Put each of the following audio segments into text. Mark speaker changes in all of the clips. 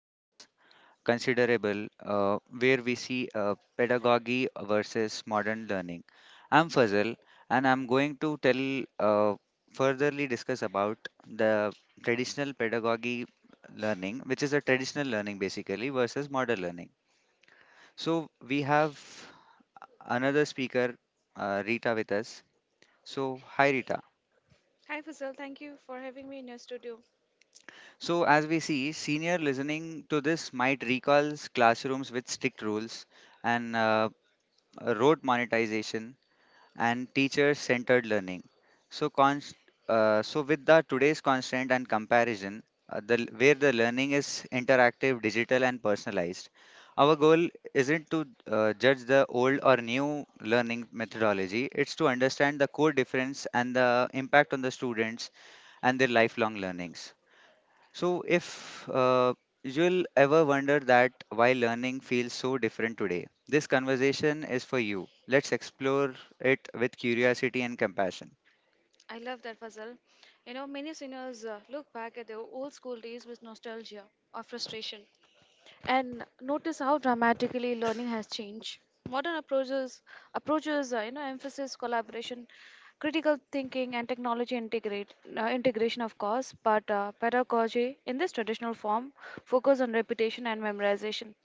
Speaker 1: as considerable, where we see pedagogy versus modern learning. I'm Fazal, and I'm going to tell furtherly discuss about the traditional pedagogy learning, which is a traditional learning basically, versus modern learning. So, we have another speaker, Rita, with us. So, hi, Rita.
Speaker 2: Hi Fazal, thank you for having me in your studio.
Speaker 1: So, as we see, senior listening to this might recalls classrooms with strict rules and rote monetization and teacher-centered learning. So, const- so with the today's constant and comparison, where the learning is interactive, digital, and personalized, our goal isn't to judge the old or new learning methodology. It's to understand the core difference and the impact on the students and their lifelong learnings. So, if you'll ever wonder that why learning feels so different today, this conversation is for you. Let's explore it with curiosity and compassion.
Speaker 2: I love that Fazal. You know, many singers look back at their old school days with nostalgia or frustration, and notice how dramatically learning has changed. Modern approaches emphasis collaboration, critical thinking, and technology integrate integration, of course. But pedagogy, in this traditional form, focus on repetition and memorization.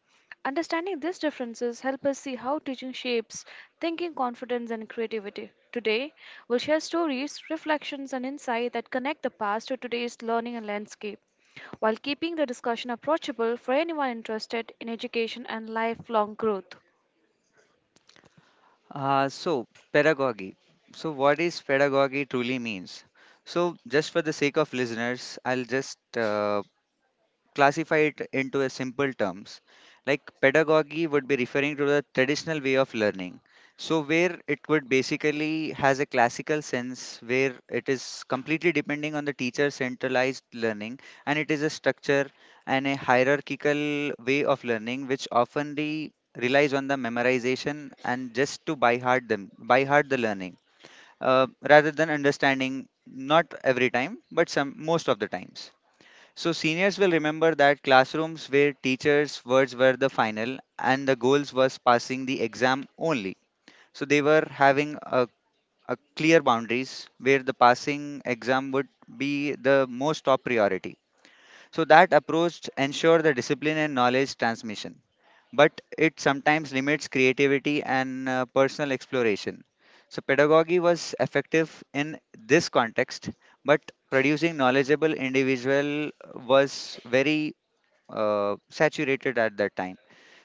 Speaker 2: Understanding these differences help us see how teaching shapes thinking, confidence, and creativity. Today, we'll share stories, reflections, and insight that connect the past to today's learning and landscape, while keeping the discussion approachable for anyone interested in education and lifelong growth.
Speaker 1: Uh, so, pedagogy. So, what is pedagogy truly means? So, just for the sake of listeners, I'll just classify it into a simple terms like pedagogy would be referring to the traditional way of learning so where it could basically has a classical sense where it is completely depending on the teacher centralized learning, and it is a structure and a hierarchical way of learning which oftenly relies on the memorization and just to by heart them by heart the learning uh, rather than understanding, not every time but some most of the times. So, seniors will remember that classrooms where teachers' words were the final and the goals was passing the exam only. So, they were having a clear boundaries where the passing exam would be the most top priority. So that approach ensures the discipline and knowledge transmission, but it sometimes limits creativity and personal exploration. So pedagogy was effective in this context, but producing knowledgeable individual was very saturated at that time.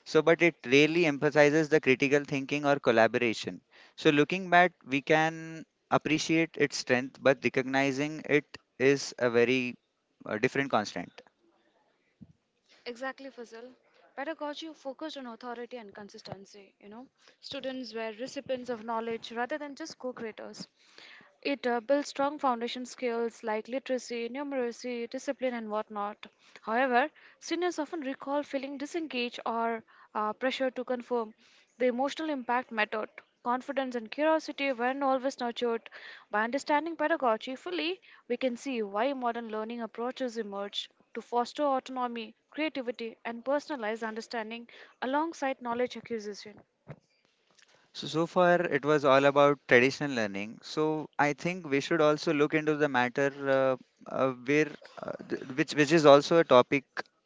Speaker 1: So, but it really emphasizes the critical thinking or collaboration. So, looking back, we can appreciate its strength, but recognizing it is a very different constraint.
Speaker 2: Exactly, Fazil. Pedagogy focused on authority and consistency. You know, students were recipients of knowledge rather than just co-creators. It builds strong foundation skills like literacy, numeracy, discipline, and whatnot. However, seniors often recall feeling disengaged or pressure to conform. The emotional impact mattered. Confidence and curiosity weren't always nurtured. By understanding pedagogy fully, we can see why modern learning approaches emerged to foster autonomy creativity, and personalized understanding alongside knowledge acquisition.
Speaker 1: So, so far it was all about traditional learning. So, I think we should also look into the matter uh, uh, where, which is also a topic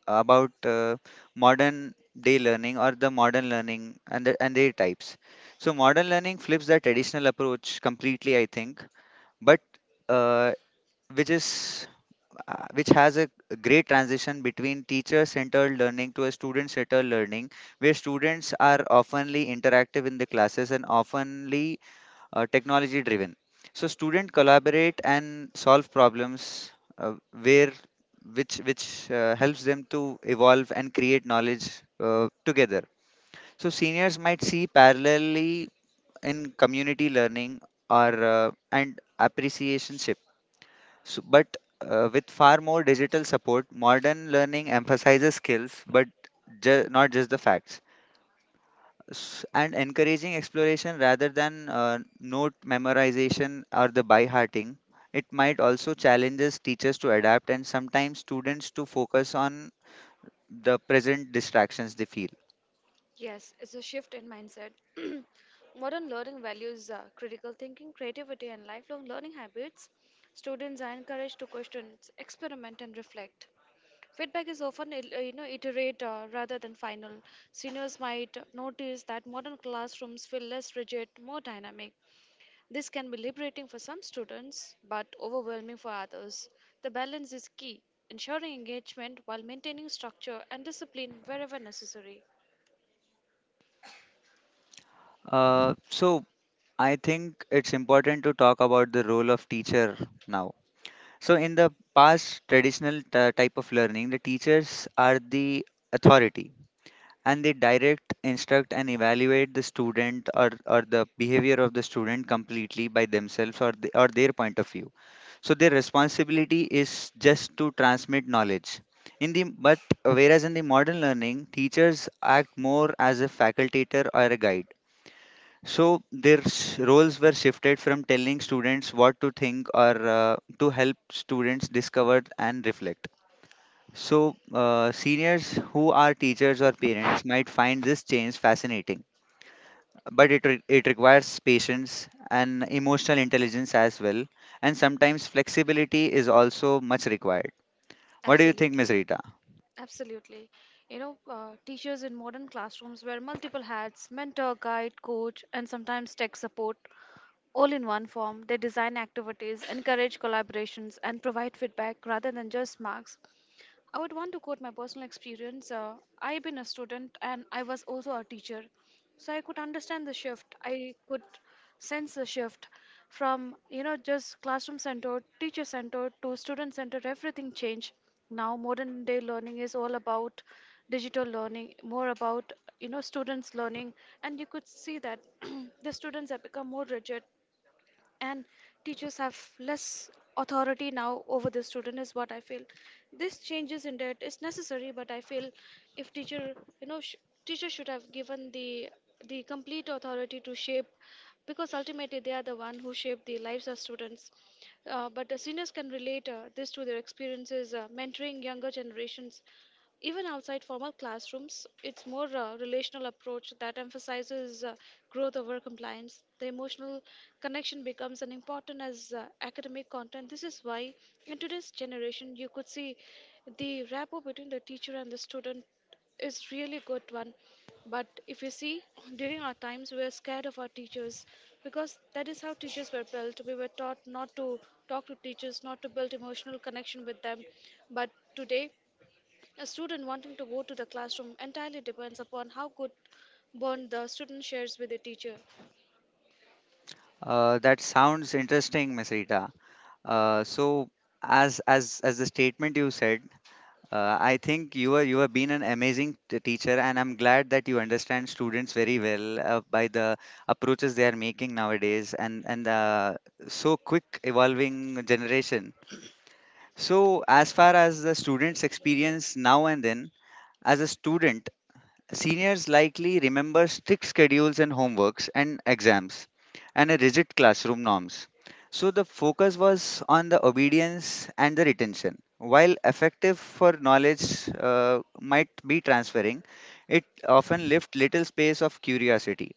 Speaker 1: about modern day learning or the modern learning and and their types. So, modern learning flips the traditional approach completely, I think, but uh, which is which has a great transition between teacher-centered learning to a student-centered learning, where students are oftenly interactive in the classes and oftenly technology-driven. So students collaborate and solve problems uh, where which helps them to evolve and create knowledge together. So seniors might see parallelly in community learning or and appreciation so, but with far more digital support, modern learning emphasizes skills, but not just the facts, and encouraging exploration rather than note memorization or the by hearting. It might also challenges teachers to adapt and sometimes students to focus on the present distractions they feel.
Speaker 2: Yes, it's a shift in mindset. Modern learning values critical thinking, creativity, and lifelong learning habits. Students are encouraged to question, experiment, and reflect. Feedback is often you know iterate rather than final. Seniors might notice that modern classrooms feel less rigid, more dynamic. This can be liberating for some students but overwhelming for others. The balance is key, ensuring engagement while maintaining structure and discipline wherever necessary.
Speaker 1: Uh, so, I think it's important to talk about the role of teacher now. So in the past traditional type of learning, the teachers are the authority and they direct, instruct and evaluate the student or the behavior of the student completely by themselves or their point of view. So their responsibility is just to transmit knowledge. In the but Whereas in the modern learning, teachers act more as a facultator or a guide, so their roles were shifted from telling students what to think or to help students discover and reflect. So seniors who are teachers or parents might find this change fascinating, but it requires patience and emotional intelligence as well, and sometimes flexibility is also much required. What do you think, Miss
Speaker 2: Absolutely.
Speaker 1: Rita?
Speaker 2: Absolutely. You know, teachers in modern classrooms wear multiple hats mentor, guide, coach, and sometimes tech support all in one form. They design activities, encourage collaborations, and provide feedback rather than just marks. I would want to quote my personal experience. I've been a student and I was also a teacher. So I could understand the shift. I could sense the shift from, you know, just classroom centered, teacher centered to student centered. Everything changed. Now, modern day learning is all about digital learning, more about, you know, students learning. And you could see that the students have become more rigid and teachers have less authority now over the student is what I feel. This changes in that is necessary, but I feel if teacher you know sh- teacher should have given the complete authority to shape, because ultimately they are the one who shape the lives of students. But the seniors can relate this to their experiences mentoring younger generations even outside formal classrooms. It's more a relational approach that emphasizes growth over compliance. The emotional connection becomes as important as academic content. This is why, in today's generation, you could see the rapport between the teacher and the student is really good one. But if you see, during our times, we were scared of our teachers because that is how teachers were built. We were taught not to talk to teachers, not to build emotional connection with them. But today, a student wanting to go to the classroom entirely depends upon how good bond the student shares with the teacher.
Speaker 1: That sounds interesting, Miss Rita. So as the statement you said, I think you have been an amazing teacher, and I'm glad that you understand students very well by the approaches they are making nowadays, and so quick evolving generation. So as far as the students' experience now and then, as a student. Seniors likely remember strict schedules and homeworks and exams and a rigid classroom norms. So the focus was on the obedience and the retention. While effective for knowledge might be transferring, it often left little space of curiosity.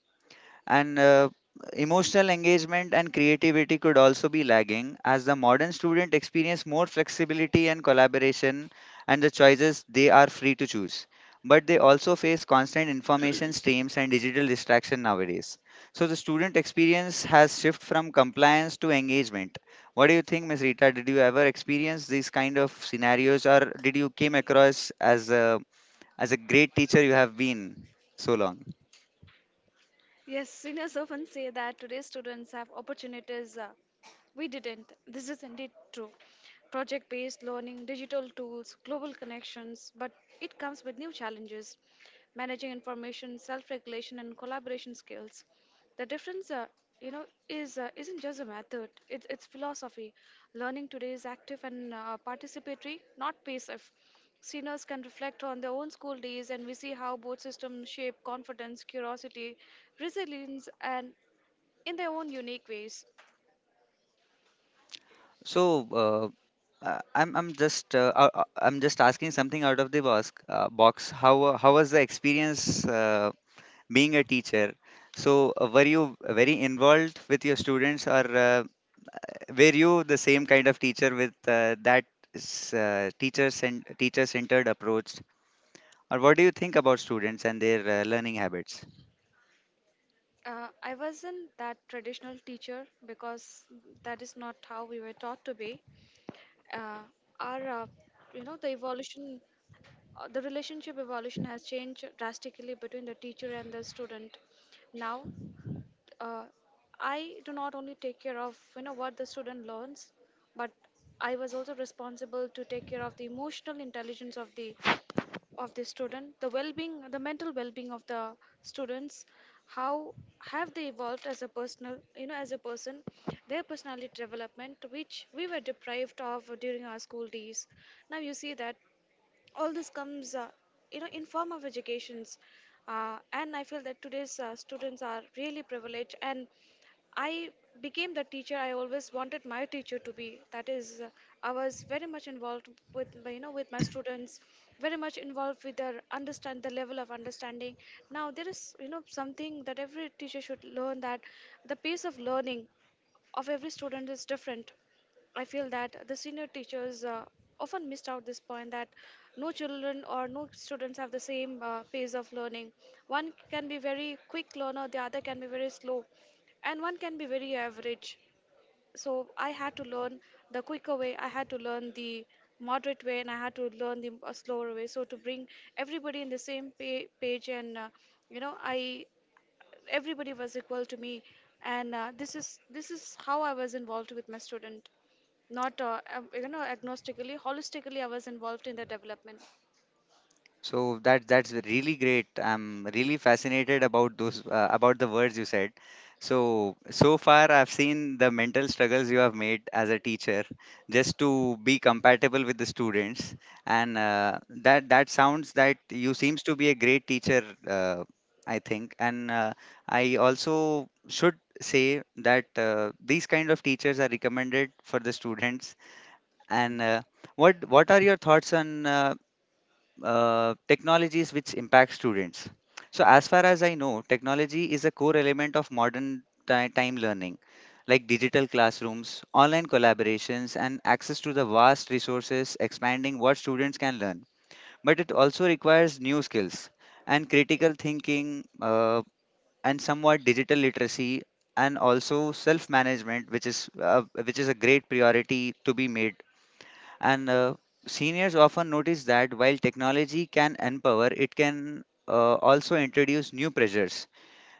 Speaker 1: And emotional engagement and creativity could also be lagging as the modern student experience more flexibility and collaboration and the choices they are free to choose. But they also face constant information streams and digital distraction nowadays. So the student experience has shifted from compliance to engagement. What do you think, Ms. Rita? Did you ever experience these kind of scenarios or did you came across as a great teacher you have been so long?
Speaker 2: Yes, seniors often say that today's students have opportunities we didn't. This is indeed true. Project based learning, digital tools, global connections, but it comes with new challenges managing information, self regulation, and collaboration skills. The difference you know, isn't just a method, it's philosophy. Learning today is active and participatory, not passive. Seniors can reflect on their own school days, and we see how both systems shape confidence, curiosity, resilience, and in their own unique ways.
Speaker 1: So, I'm just asking something out of the box. How was the experience being a teacher? So, were you very involved with your students, or were you the same kind of teacher with that teacher centered approach? Or what do you think about students and their learning habits?
Speaker 2: I wasn't that traditional teacher because that is not how we were taught to be. Uh, our, uh, you know, the relationship evolution has changed drastically between the teacher and the student. Now uh, I do not only take care of you know what the student learns, but I was also responsible to take care of the emotional intelligence of the student, the well-being, the mental well-being of the students. How have they evolved as a personal, you know, as a person, their personality development, which we were deprived of during our school days. Now you see that all this comes you know in form of educations. And I feel that today's students are really privileged, and I became the teacher I always wanted my teacher to be. That is I was very much involved with you know with my students, very much involved with their understand the level of understanding. Now there is, you know, something that every teacher should learn, that the pace of learning of every student is different. I feel that the senior teachers often missed out this point that no children or no students have the same pace of learning. One can be very quick learner, the other can be very slow, and one can be very average. So I had to learn the quicker way, I had to learn the moderate way, and I had to learn the slower way so to bring everybody in the same page. And you know I everybody was equal to me. And this is how I was involved with my student. Not you know agnostically, holistically I was involved in the development.
Speaker 1: So that that's really great. I'm really fascinated about those about the words you said. So so far I've seen the mental struggles you have made as a teacher just to be compatible with the students, and that that sounds that you seems to be a great teacher, I think, and I also should say that these kind of teachers are recommended for the students, and what are your thoughts on technologies which impact students. So, as far as I know, technology is a core element of modern time learning, like digital classrooms, online collaborations, and access to the vast resources, expanding what students can learn. But it also requires new skills and critical thinking, and somewhat digital literacy, and also self-management, which is a great priority to be made, and seniors often notice that while technology can empower, it can also introduce new pressures.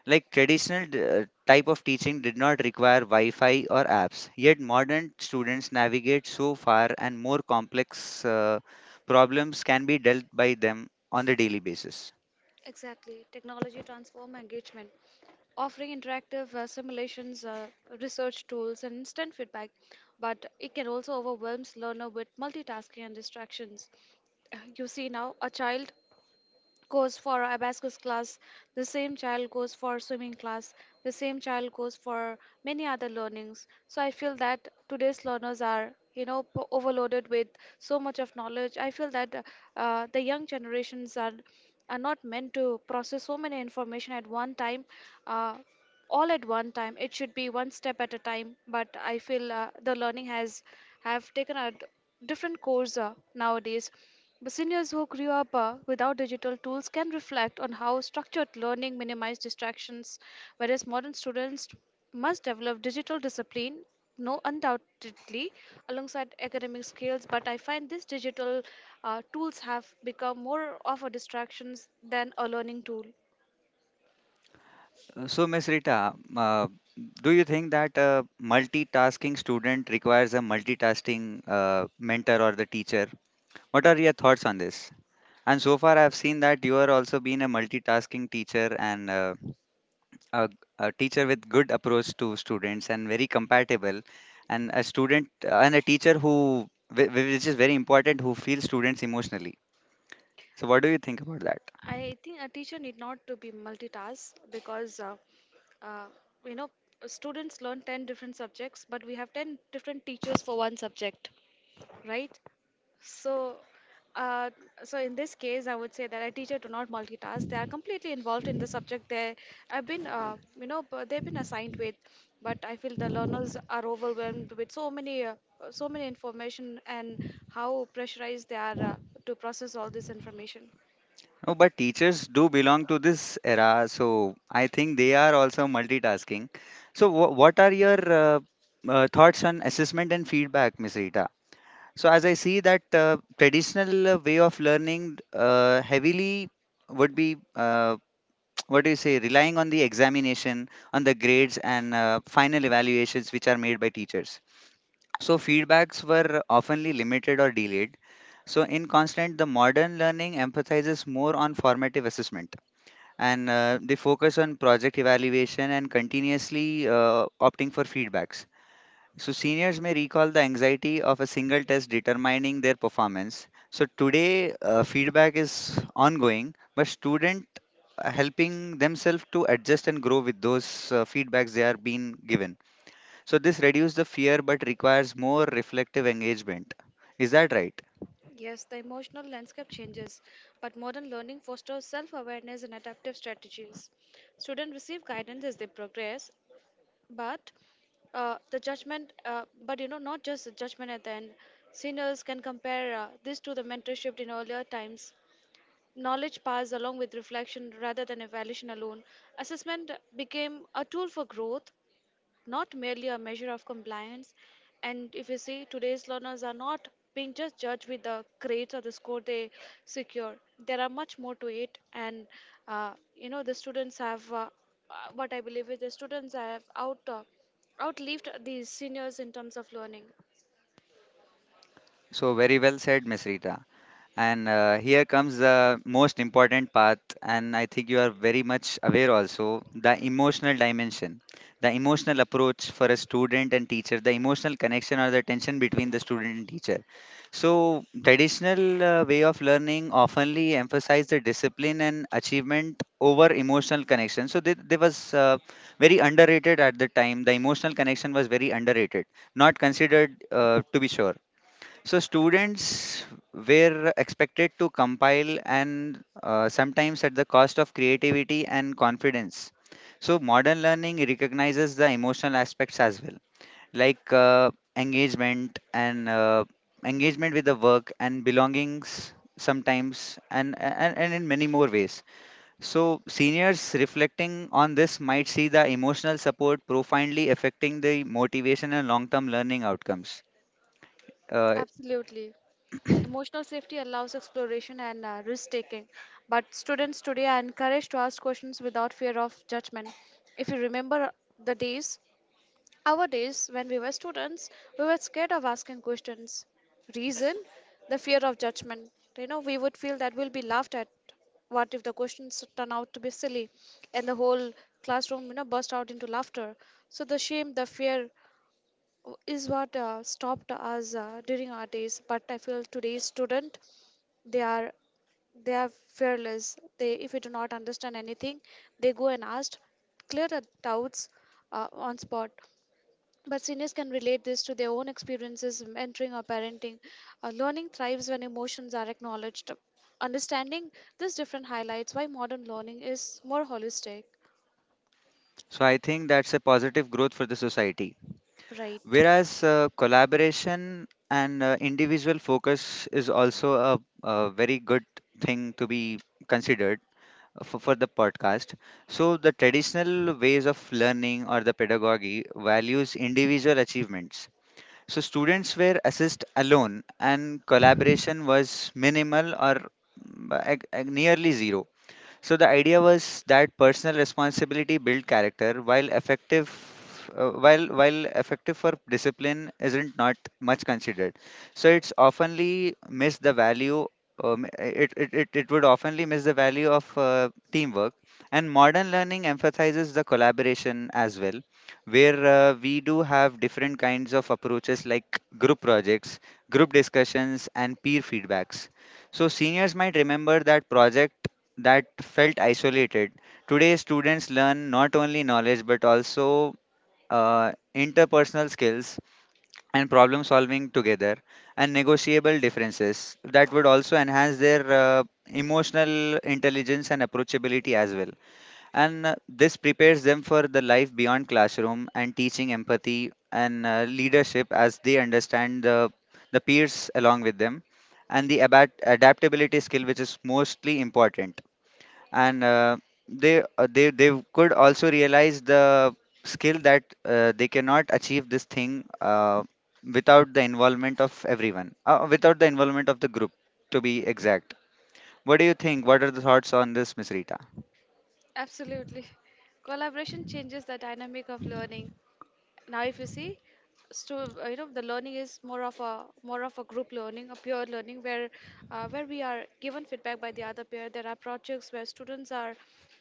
Speaker 1: Like traditional type of teaching did not require Wi-Fi or apps, yet modern students navigate so far and more complex problems can be dealt by them on the daily basis.
Speaker 2: Exactly. Technology transform engagement, offering interactive simulations, research tools, and instant feedback. But it can also overwhelm learner with multitasking and distractions. You see now, a child goes for abacus class, the same child goes for swimming class, the same child goes for many other learnings. So I feel that today's learners are, you know, overloaded with so much of knowledge. I feel that the young generations are not meant to process so many information at one time, uh, all at one time. It should be one step at a time. But I feel the learning has have taken a different course nowadays. But seniors who grew up without digital tools can reflect on how structured learning minimized distractions, whereas modern students must develop digital discipline. No, undoubtedly, alongside academic skills, but I find these digital tools have become more of a distractions than a learning tool.
Speaker 1: So, Miss Rita, uh, do you think that a multitasking student requires a multitasking mentor or the teacher? What are your thoughts on this? And so far, I've seen that you are also been a multitasking teacher, and a, a teacher with good approach to students and very compatible, and a student and a teacher who which is very important who feels students emotionally. So, what do you think about that?
Speaker 2: I think a teacher need not to be multitask because uh, you know students learn 10 different subjects but we have 10 different teachers for one subject, right? So uh, so in this case I would say that a teacher do not multitask, they are completely involved in the subject they have been they've been assigned with. But I feel the learners are overwhelmed with so many information, and how pressurized they are to process all this information.
Speaker 1: No, but teachers do belong to this era, so I think they are also multitasking. So, what are your thoughts on assessment and feedback, Miss Rita? So as I see that traditional way of learning heavily would be what do you say relying on the examination, on the grades and final evaluations which are made by teachers. So feedbacks were oftenly limited or delayed. So in constant, the modern learning emphasizes more on formative assessment, and they focus on project evaluation and continuously opting for feedbacks. So, seniors may recall the anxiety of a single test determining their performance. So, today feedback is ongoing, but students helping themselves to adjust and grow with those feedbacks they are being given. So, this reduces the fear but requires more reflective engagement. Is that right?
Speaker 2: Yes, the emotional landscape changes, but modern learning fosters self awareness and adaptive strategies. Students receive guidance as they progress, but the judgment, but you know, not just the judgment at the end. Seniors can compare this to the mentorship in earlier times. Knowledge passed along with reflection rather than evaluation alone. Assessment became a tool for growth, not merely a measure of compliance. And if you see, today's learners are not being just judged with the grades or the score they secure. There are much more to it, and you know the students have what I believe is the students have outlived these seniors in terms of learning.
Speaker 1: So, very well said, Miss Rita. And here comes the most important part, and I think you are very much aware also the emotional dimension, the emotional approach for a student and teacher, the emotional connection or the tension between the student and teacher. So, traditional way of learning oftenly emphasize the discipline and achievement over emotional connection. So, they was very underrated at the time. The emotional connection was very underrated, not considered to be sure, so students were expected to compile and sometimes at the cost of creativity and confidence. So modern learning recognizes the emotional aspects as well, like engagement and engagement with the work and belongings sometimes, and in many more ways. So seniors reflecting on this might see the emotional support profoundly affecting the motivation and long-term learning outcomes. Uh,
Speaker 2: Absolutely. Emotional safety allows exploration and risk taking, but students today are encouraged to ask questions without fear of judgment. If you remember the days, our days, when we were students, we were scared of asking questions. Reason? The fear of judgment. You know, we would feel that we'll be laughed at. What if the questions turn out to be silly and the whole classroom, you know, burst out into laughter? So the shame, the fear is what stopped us during our days. But I feel today's student, they are they are fearless. They, if we do not understand anything, they go and ask, clear the doubts on spot. But seniors can relate this to their own experiences, mentoring or parenting. Learning thrives when emotions are acknowledged. Understanding this different highlights why modern learning is more holistic.
Speaker 1: So I think that's a positive growth for the society.
Speaker 2: Right.
Speaker 1: Whereas collaboration and individual focus is also a very good thing to be considered for the podcast. So the traditional ways of learning or the pedagogy values individual achievements. So students were assessed alone and collaboration was minimal or nearly zero. So the idea was that personal responsibility build character, while effective, while effective for discipline isn't not much considered. So it's oftenly miss the value. It would oftenly miss the value of teamwork, and modern learning emphasizes the collaboration as well, where we do have different kinds of approaches like group projects, group discussions and peer feedbacks. So seniors might remember that project that felt isolated. Today, students learn not only knowledge but also interpersonal skills and problem solving together, and negotiable differences that would also enhance their emotional intelligence and approachability as well. And this prepares them for the life beyond classroom and teaching empathy and leadership, as they understand the peers along with them, and the adaptability skill, which is mostly important, and they could also realize the skill that they cannot achieve this thing without the involvement of everyone, without the involvement of the group, to be exact. What do you think? What are the thoughts on this, Miss Rita?
Speaker 2: Absolutely. Collaboration changes the dynamic of learning. Now if you see, so the learning is more of a group learning, a peer learning, where we are given feedback by the other peer. There are projects where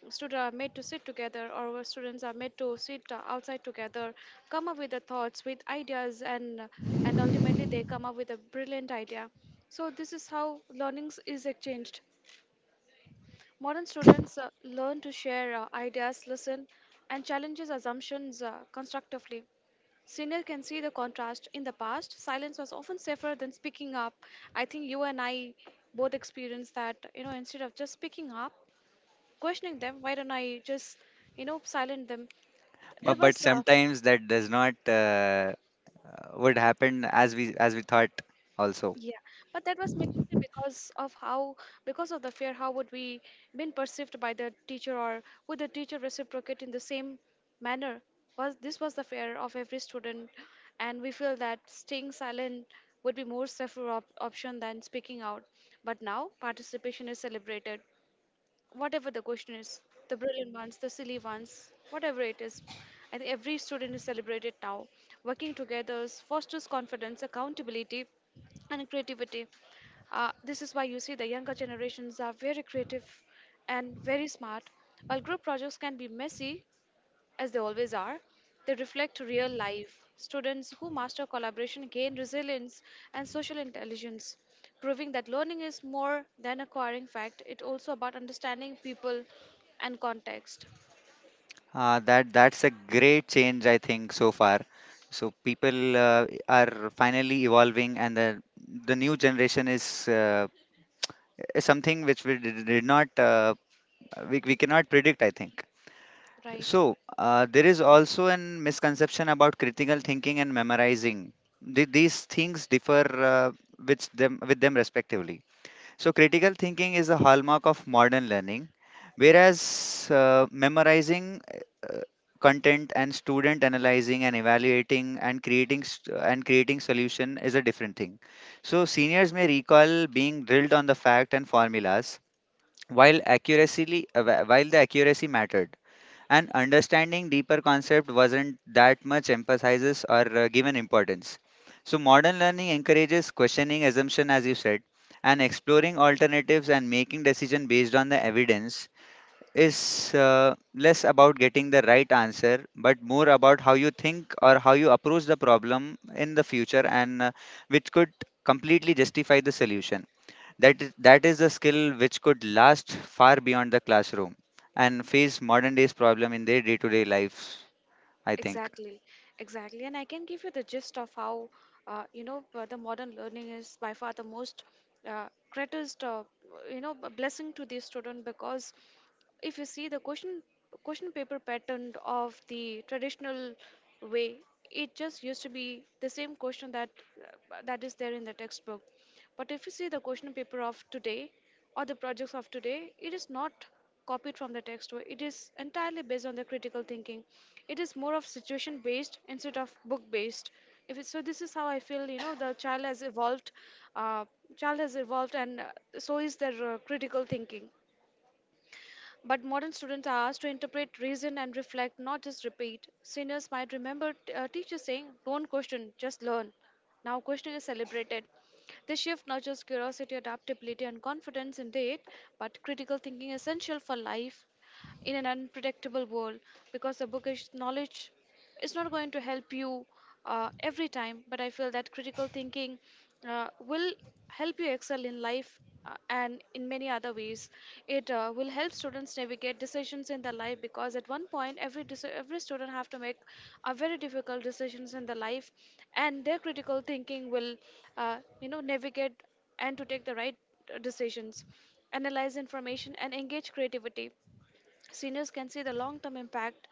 Speaker 2: students are made to sit together, or where students are made to sit outside together, come up with the thoughts, with ideas, and ultimately they come up with a brilliant idea. So this is how learnings is exchanged. Modern students learn to share ideas, listen, and challenges assumptions constructively. Senior can see the contrast. In the past, silence was often safer than speaking up. I think you and I both experienced that, instead of just speaking up, questioning them, why don't I just, silent them? There
Speaker 1: But
Speaker 2: was
Speaker 1: sometimes that does not would happen as we thought also.
Speaker 2: yeah, but that was mainly because of how, because of the fear, how would we been perceived by the teacher, or would the teacher reciprocate in the same manner? Was this, was the fear of every student, and we feel that staying silent would be more safer op option than speaking out. But now participation is celebrated, whatever the question is, the brilliant ones, the silly ones, whatever it is. I think every student is celebrated now. Working together fosters confidence, accountability, and creativity. This is why you see the younger generations are very creative and very smart. While group projects can be messy, as they always are, they reflect real life. Students who master collaboration gain resilience and social intelligence, proving that learning is more than acquiring fact. It's also about understanding people and context.
Speaker 1: That that's a great change, I think, so far. So people uh, are finally evolving, and the new generation uh, is something which we did not we cannot predict, I think.
Speaker 2: Right.
Speaker 1: So there is also an misconception about critical thinking and memorizing. These things differ uh, with them respectively. So critical thinking is the hallmark of modern learning, whereas memorizing uh, content and student analyzing and evaluating and creating solution is a different thing. So seniors may recall being drilled on the fact and formulas. While the accuracy mattered, and understanding deeper concept wasn't that much emphasizes or given importance. So modern learning encourages questioning assumption, as you said, and exploring alternatives and making decision based on the evidence. Is less about getting the right answer but more about how you think or how you approach the problem in the future, and which could completely justify the solution. That is a skill which could last far beyond the classroom and face modern day's problem in their day-to-day lives, I think.
Speaker 2: Exactly. Exactly. And I can give you the gist of how, the modern learning is by far the most greatest, blessing to the student. Because if you see the question paper pattern of the traditional way, it just used to be the same question that that is there in the textbook. But if you see the question paper of today or the projects of today, it is not copied from the textbook. It is entirely based on the critical thinking. It is more of situation based instead of book based. If it, so this is how I feel, you know, the child has evolved, uh, child has evolved and so is their critical thinking. But modern students are asked to interpret, reason, and reflect, not just repeat. Seniors might remember teachers saying, "Don't question, just learn." Now, questioning is celebrated. This shift nurtures curiosity, adaptability, and confidence in indeed, but critical thinking is essential for life in an unpredictable world, because the book is knowledge, it's not going to help you every time. But I feel that critical thinking will help you excel in life, and in many other ways. It will help students navigate decisions in their life, because at one point every every student have to make a very difficult decisions in their life, and their critical thinking will, you know, navigate and to take the right decisions, analyze information, and engage creativity. Seniors can see the long term impact.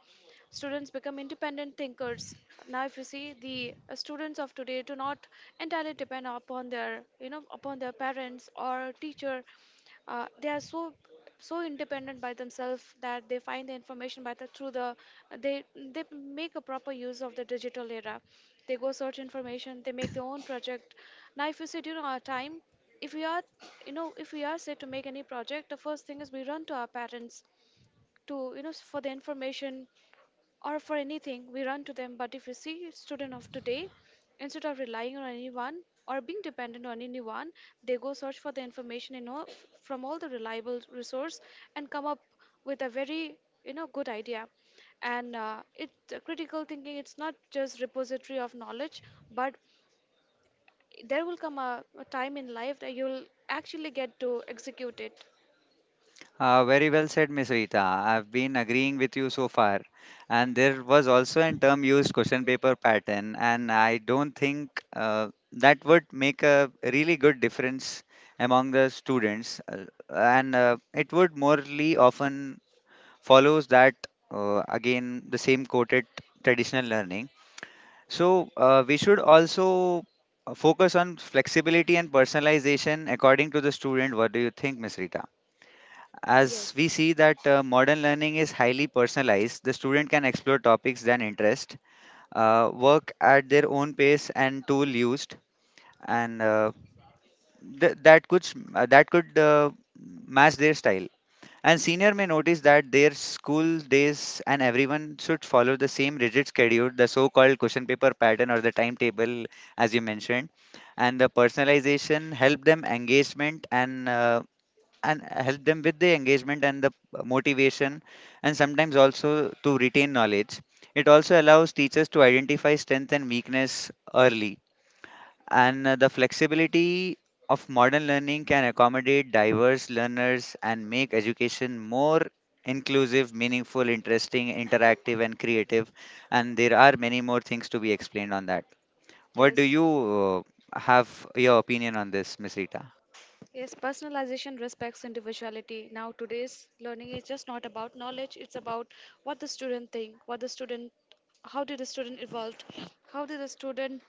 Speaker 2: Students become independent thinkers. Now, if you see the students of today do not entirely depend upon their, you know, upon their parents or teacher. They are so independent by themselves that they find the information by the through the they make a proper use of the digital era. They go search information. They make their own project. Now, if you see during our time, if we are, you know, if we are said to make any project, the first thing is we run to our parents to, you know, for the information, or for anything we run to them. But if you see student of today, instead of relying on anyone or being dependent on anyone, they go search for the information in from all the reliable resource and come up with a very, you know, good idea. And it Critical thinking, it's not just repository of knowledge, but there will come a time in life that you'll actually get to execute it.
Speaker 1: Very well said, Miss Rita. I've been agreeing with you so far. And there was also a term used question paper pattern, and I don't think that would make a really good difference among the students. And It would morely often follows that again the same quoted traditional learning. So we should also focus on flexibility and personalization according to the student. What do you think, Miss Rita? As we
Speaker 2: Yes.
Speaker 1: see that modern learning is highly personalized, the student can explore topics than interest, work at their own pace and tool used, and th- that could s- that could match their style. And senior may notice that their school days and everyone should follow the same rigid schedule, the so-called question paper pattern or the timetable, as you mentioned, and the personalization help them with the engagement and the motivation, and sometimes also to retain knowledge. It also allows teachers to identify strength and weakness early, and the flexibility of modern learning can accommodate diverse learners and make education more inclusive, meaningful, interesting, interactive, and creative. And there are many more things to be explained on that. What do
Speaker 2: Yes.
Speaker 1: you have your opinion on this, Miss Rita?
Speaker 2: Yes, personalization respects individuality. Now, today's learning is just not about knowledge, it's about what the student think, what the student, how did the student evolve, how did the student,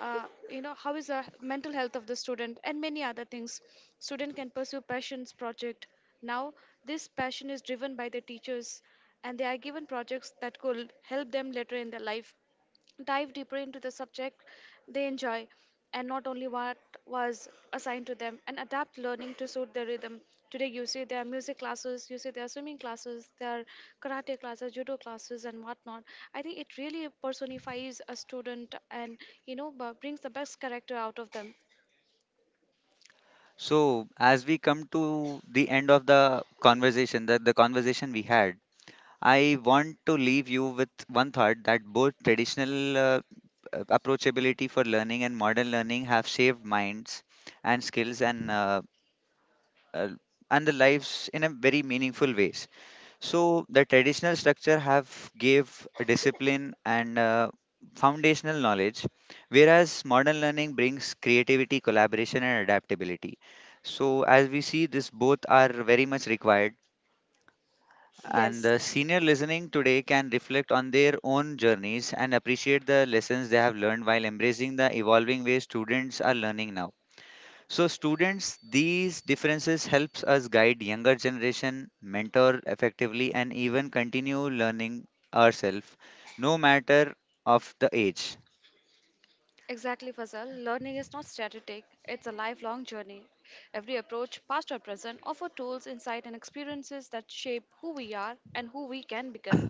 Speaker 2: uh, you know, how is the mental health of the student, and many other things. Student can pursue passions project. Now, this passion is driven by the teachers, and they are given projects that could help them later in their life, dive deeper into the subject they enjoy, and not only what was assigned to them, and adapt learning to suit their rhythm. Today you see there are music classes, you see there are swimming classes, there are karate classes, judo classes, and whatnot. I think it really personifies a student and, you know, brings the best character out of them.
Speaker 1: So, as we come to the end of the conversation, that the conversation we had, I want to leave you with one thought that both traditional approachability for learning and modern learning have shaped minds and skills and uh, uh, and the lives in a very meaningful ways. So the traditional structure have gave discipline and foundational knowledge, whereas modern learning brings creativity, collaboration, and adaptability. So as we see, this both are very much required, and
Speaker 2: Yes.
Speaker 1: the senior listening today can reflect on their own journeys and appreciate the lessons they have learned while embracing the evolving ways students are learning now. So students, these differences helps us guide younger generation, mentor effectively and even continue learning ourselves, no matter of the age.
Speaker 2: Exactly, Fazal. Learning is not static, it's a lifelong journey. Every approach, past or present, offers tools, insight, and experiences that shape who we are and who we can become.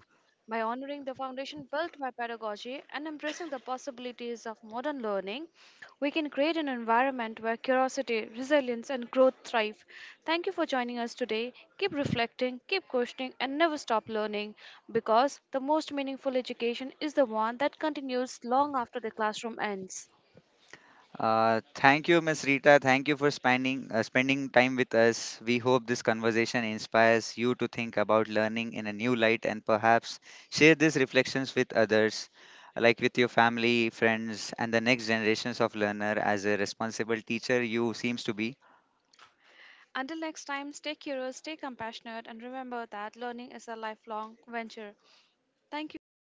Speaker 2: By honoring the foundation built by pedagogy and embracing the possibilities of modern learning, we can create an environment where curiosity, resilience, and growth thrive. Thank you for joining us today. Keep reflecting, keep questioning, and never stop learning, because the most meaningful education is the one that continues long after the classroom ends.
Speaker 1: Thank you, Ms. Rita. Thank you for spending time with us. We hope this conversation inspires you to think about learning in a new light and perhaps share these reflections with others, like with your family, friends, and the next generations of learner. As a responsible teacher, you seems to be.
Speaker 2: Until next time, stay curious, stay compassionate, and remember that learning is a lifelong venture. Thank you for having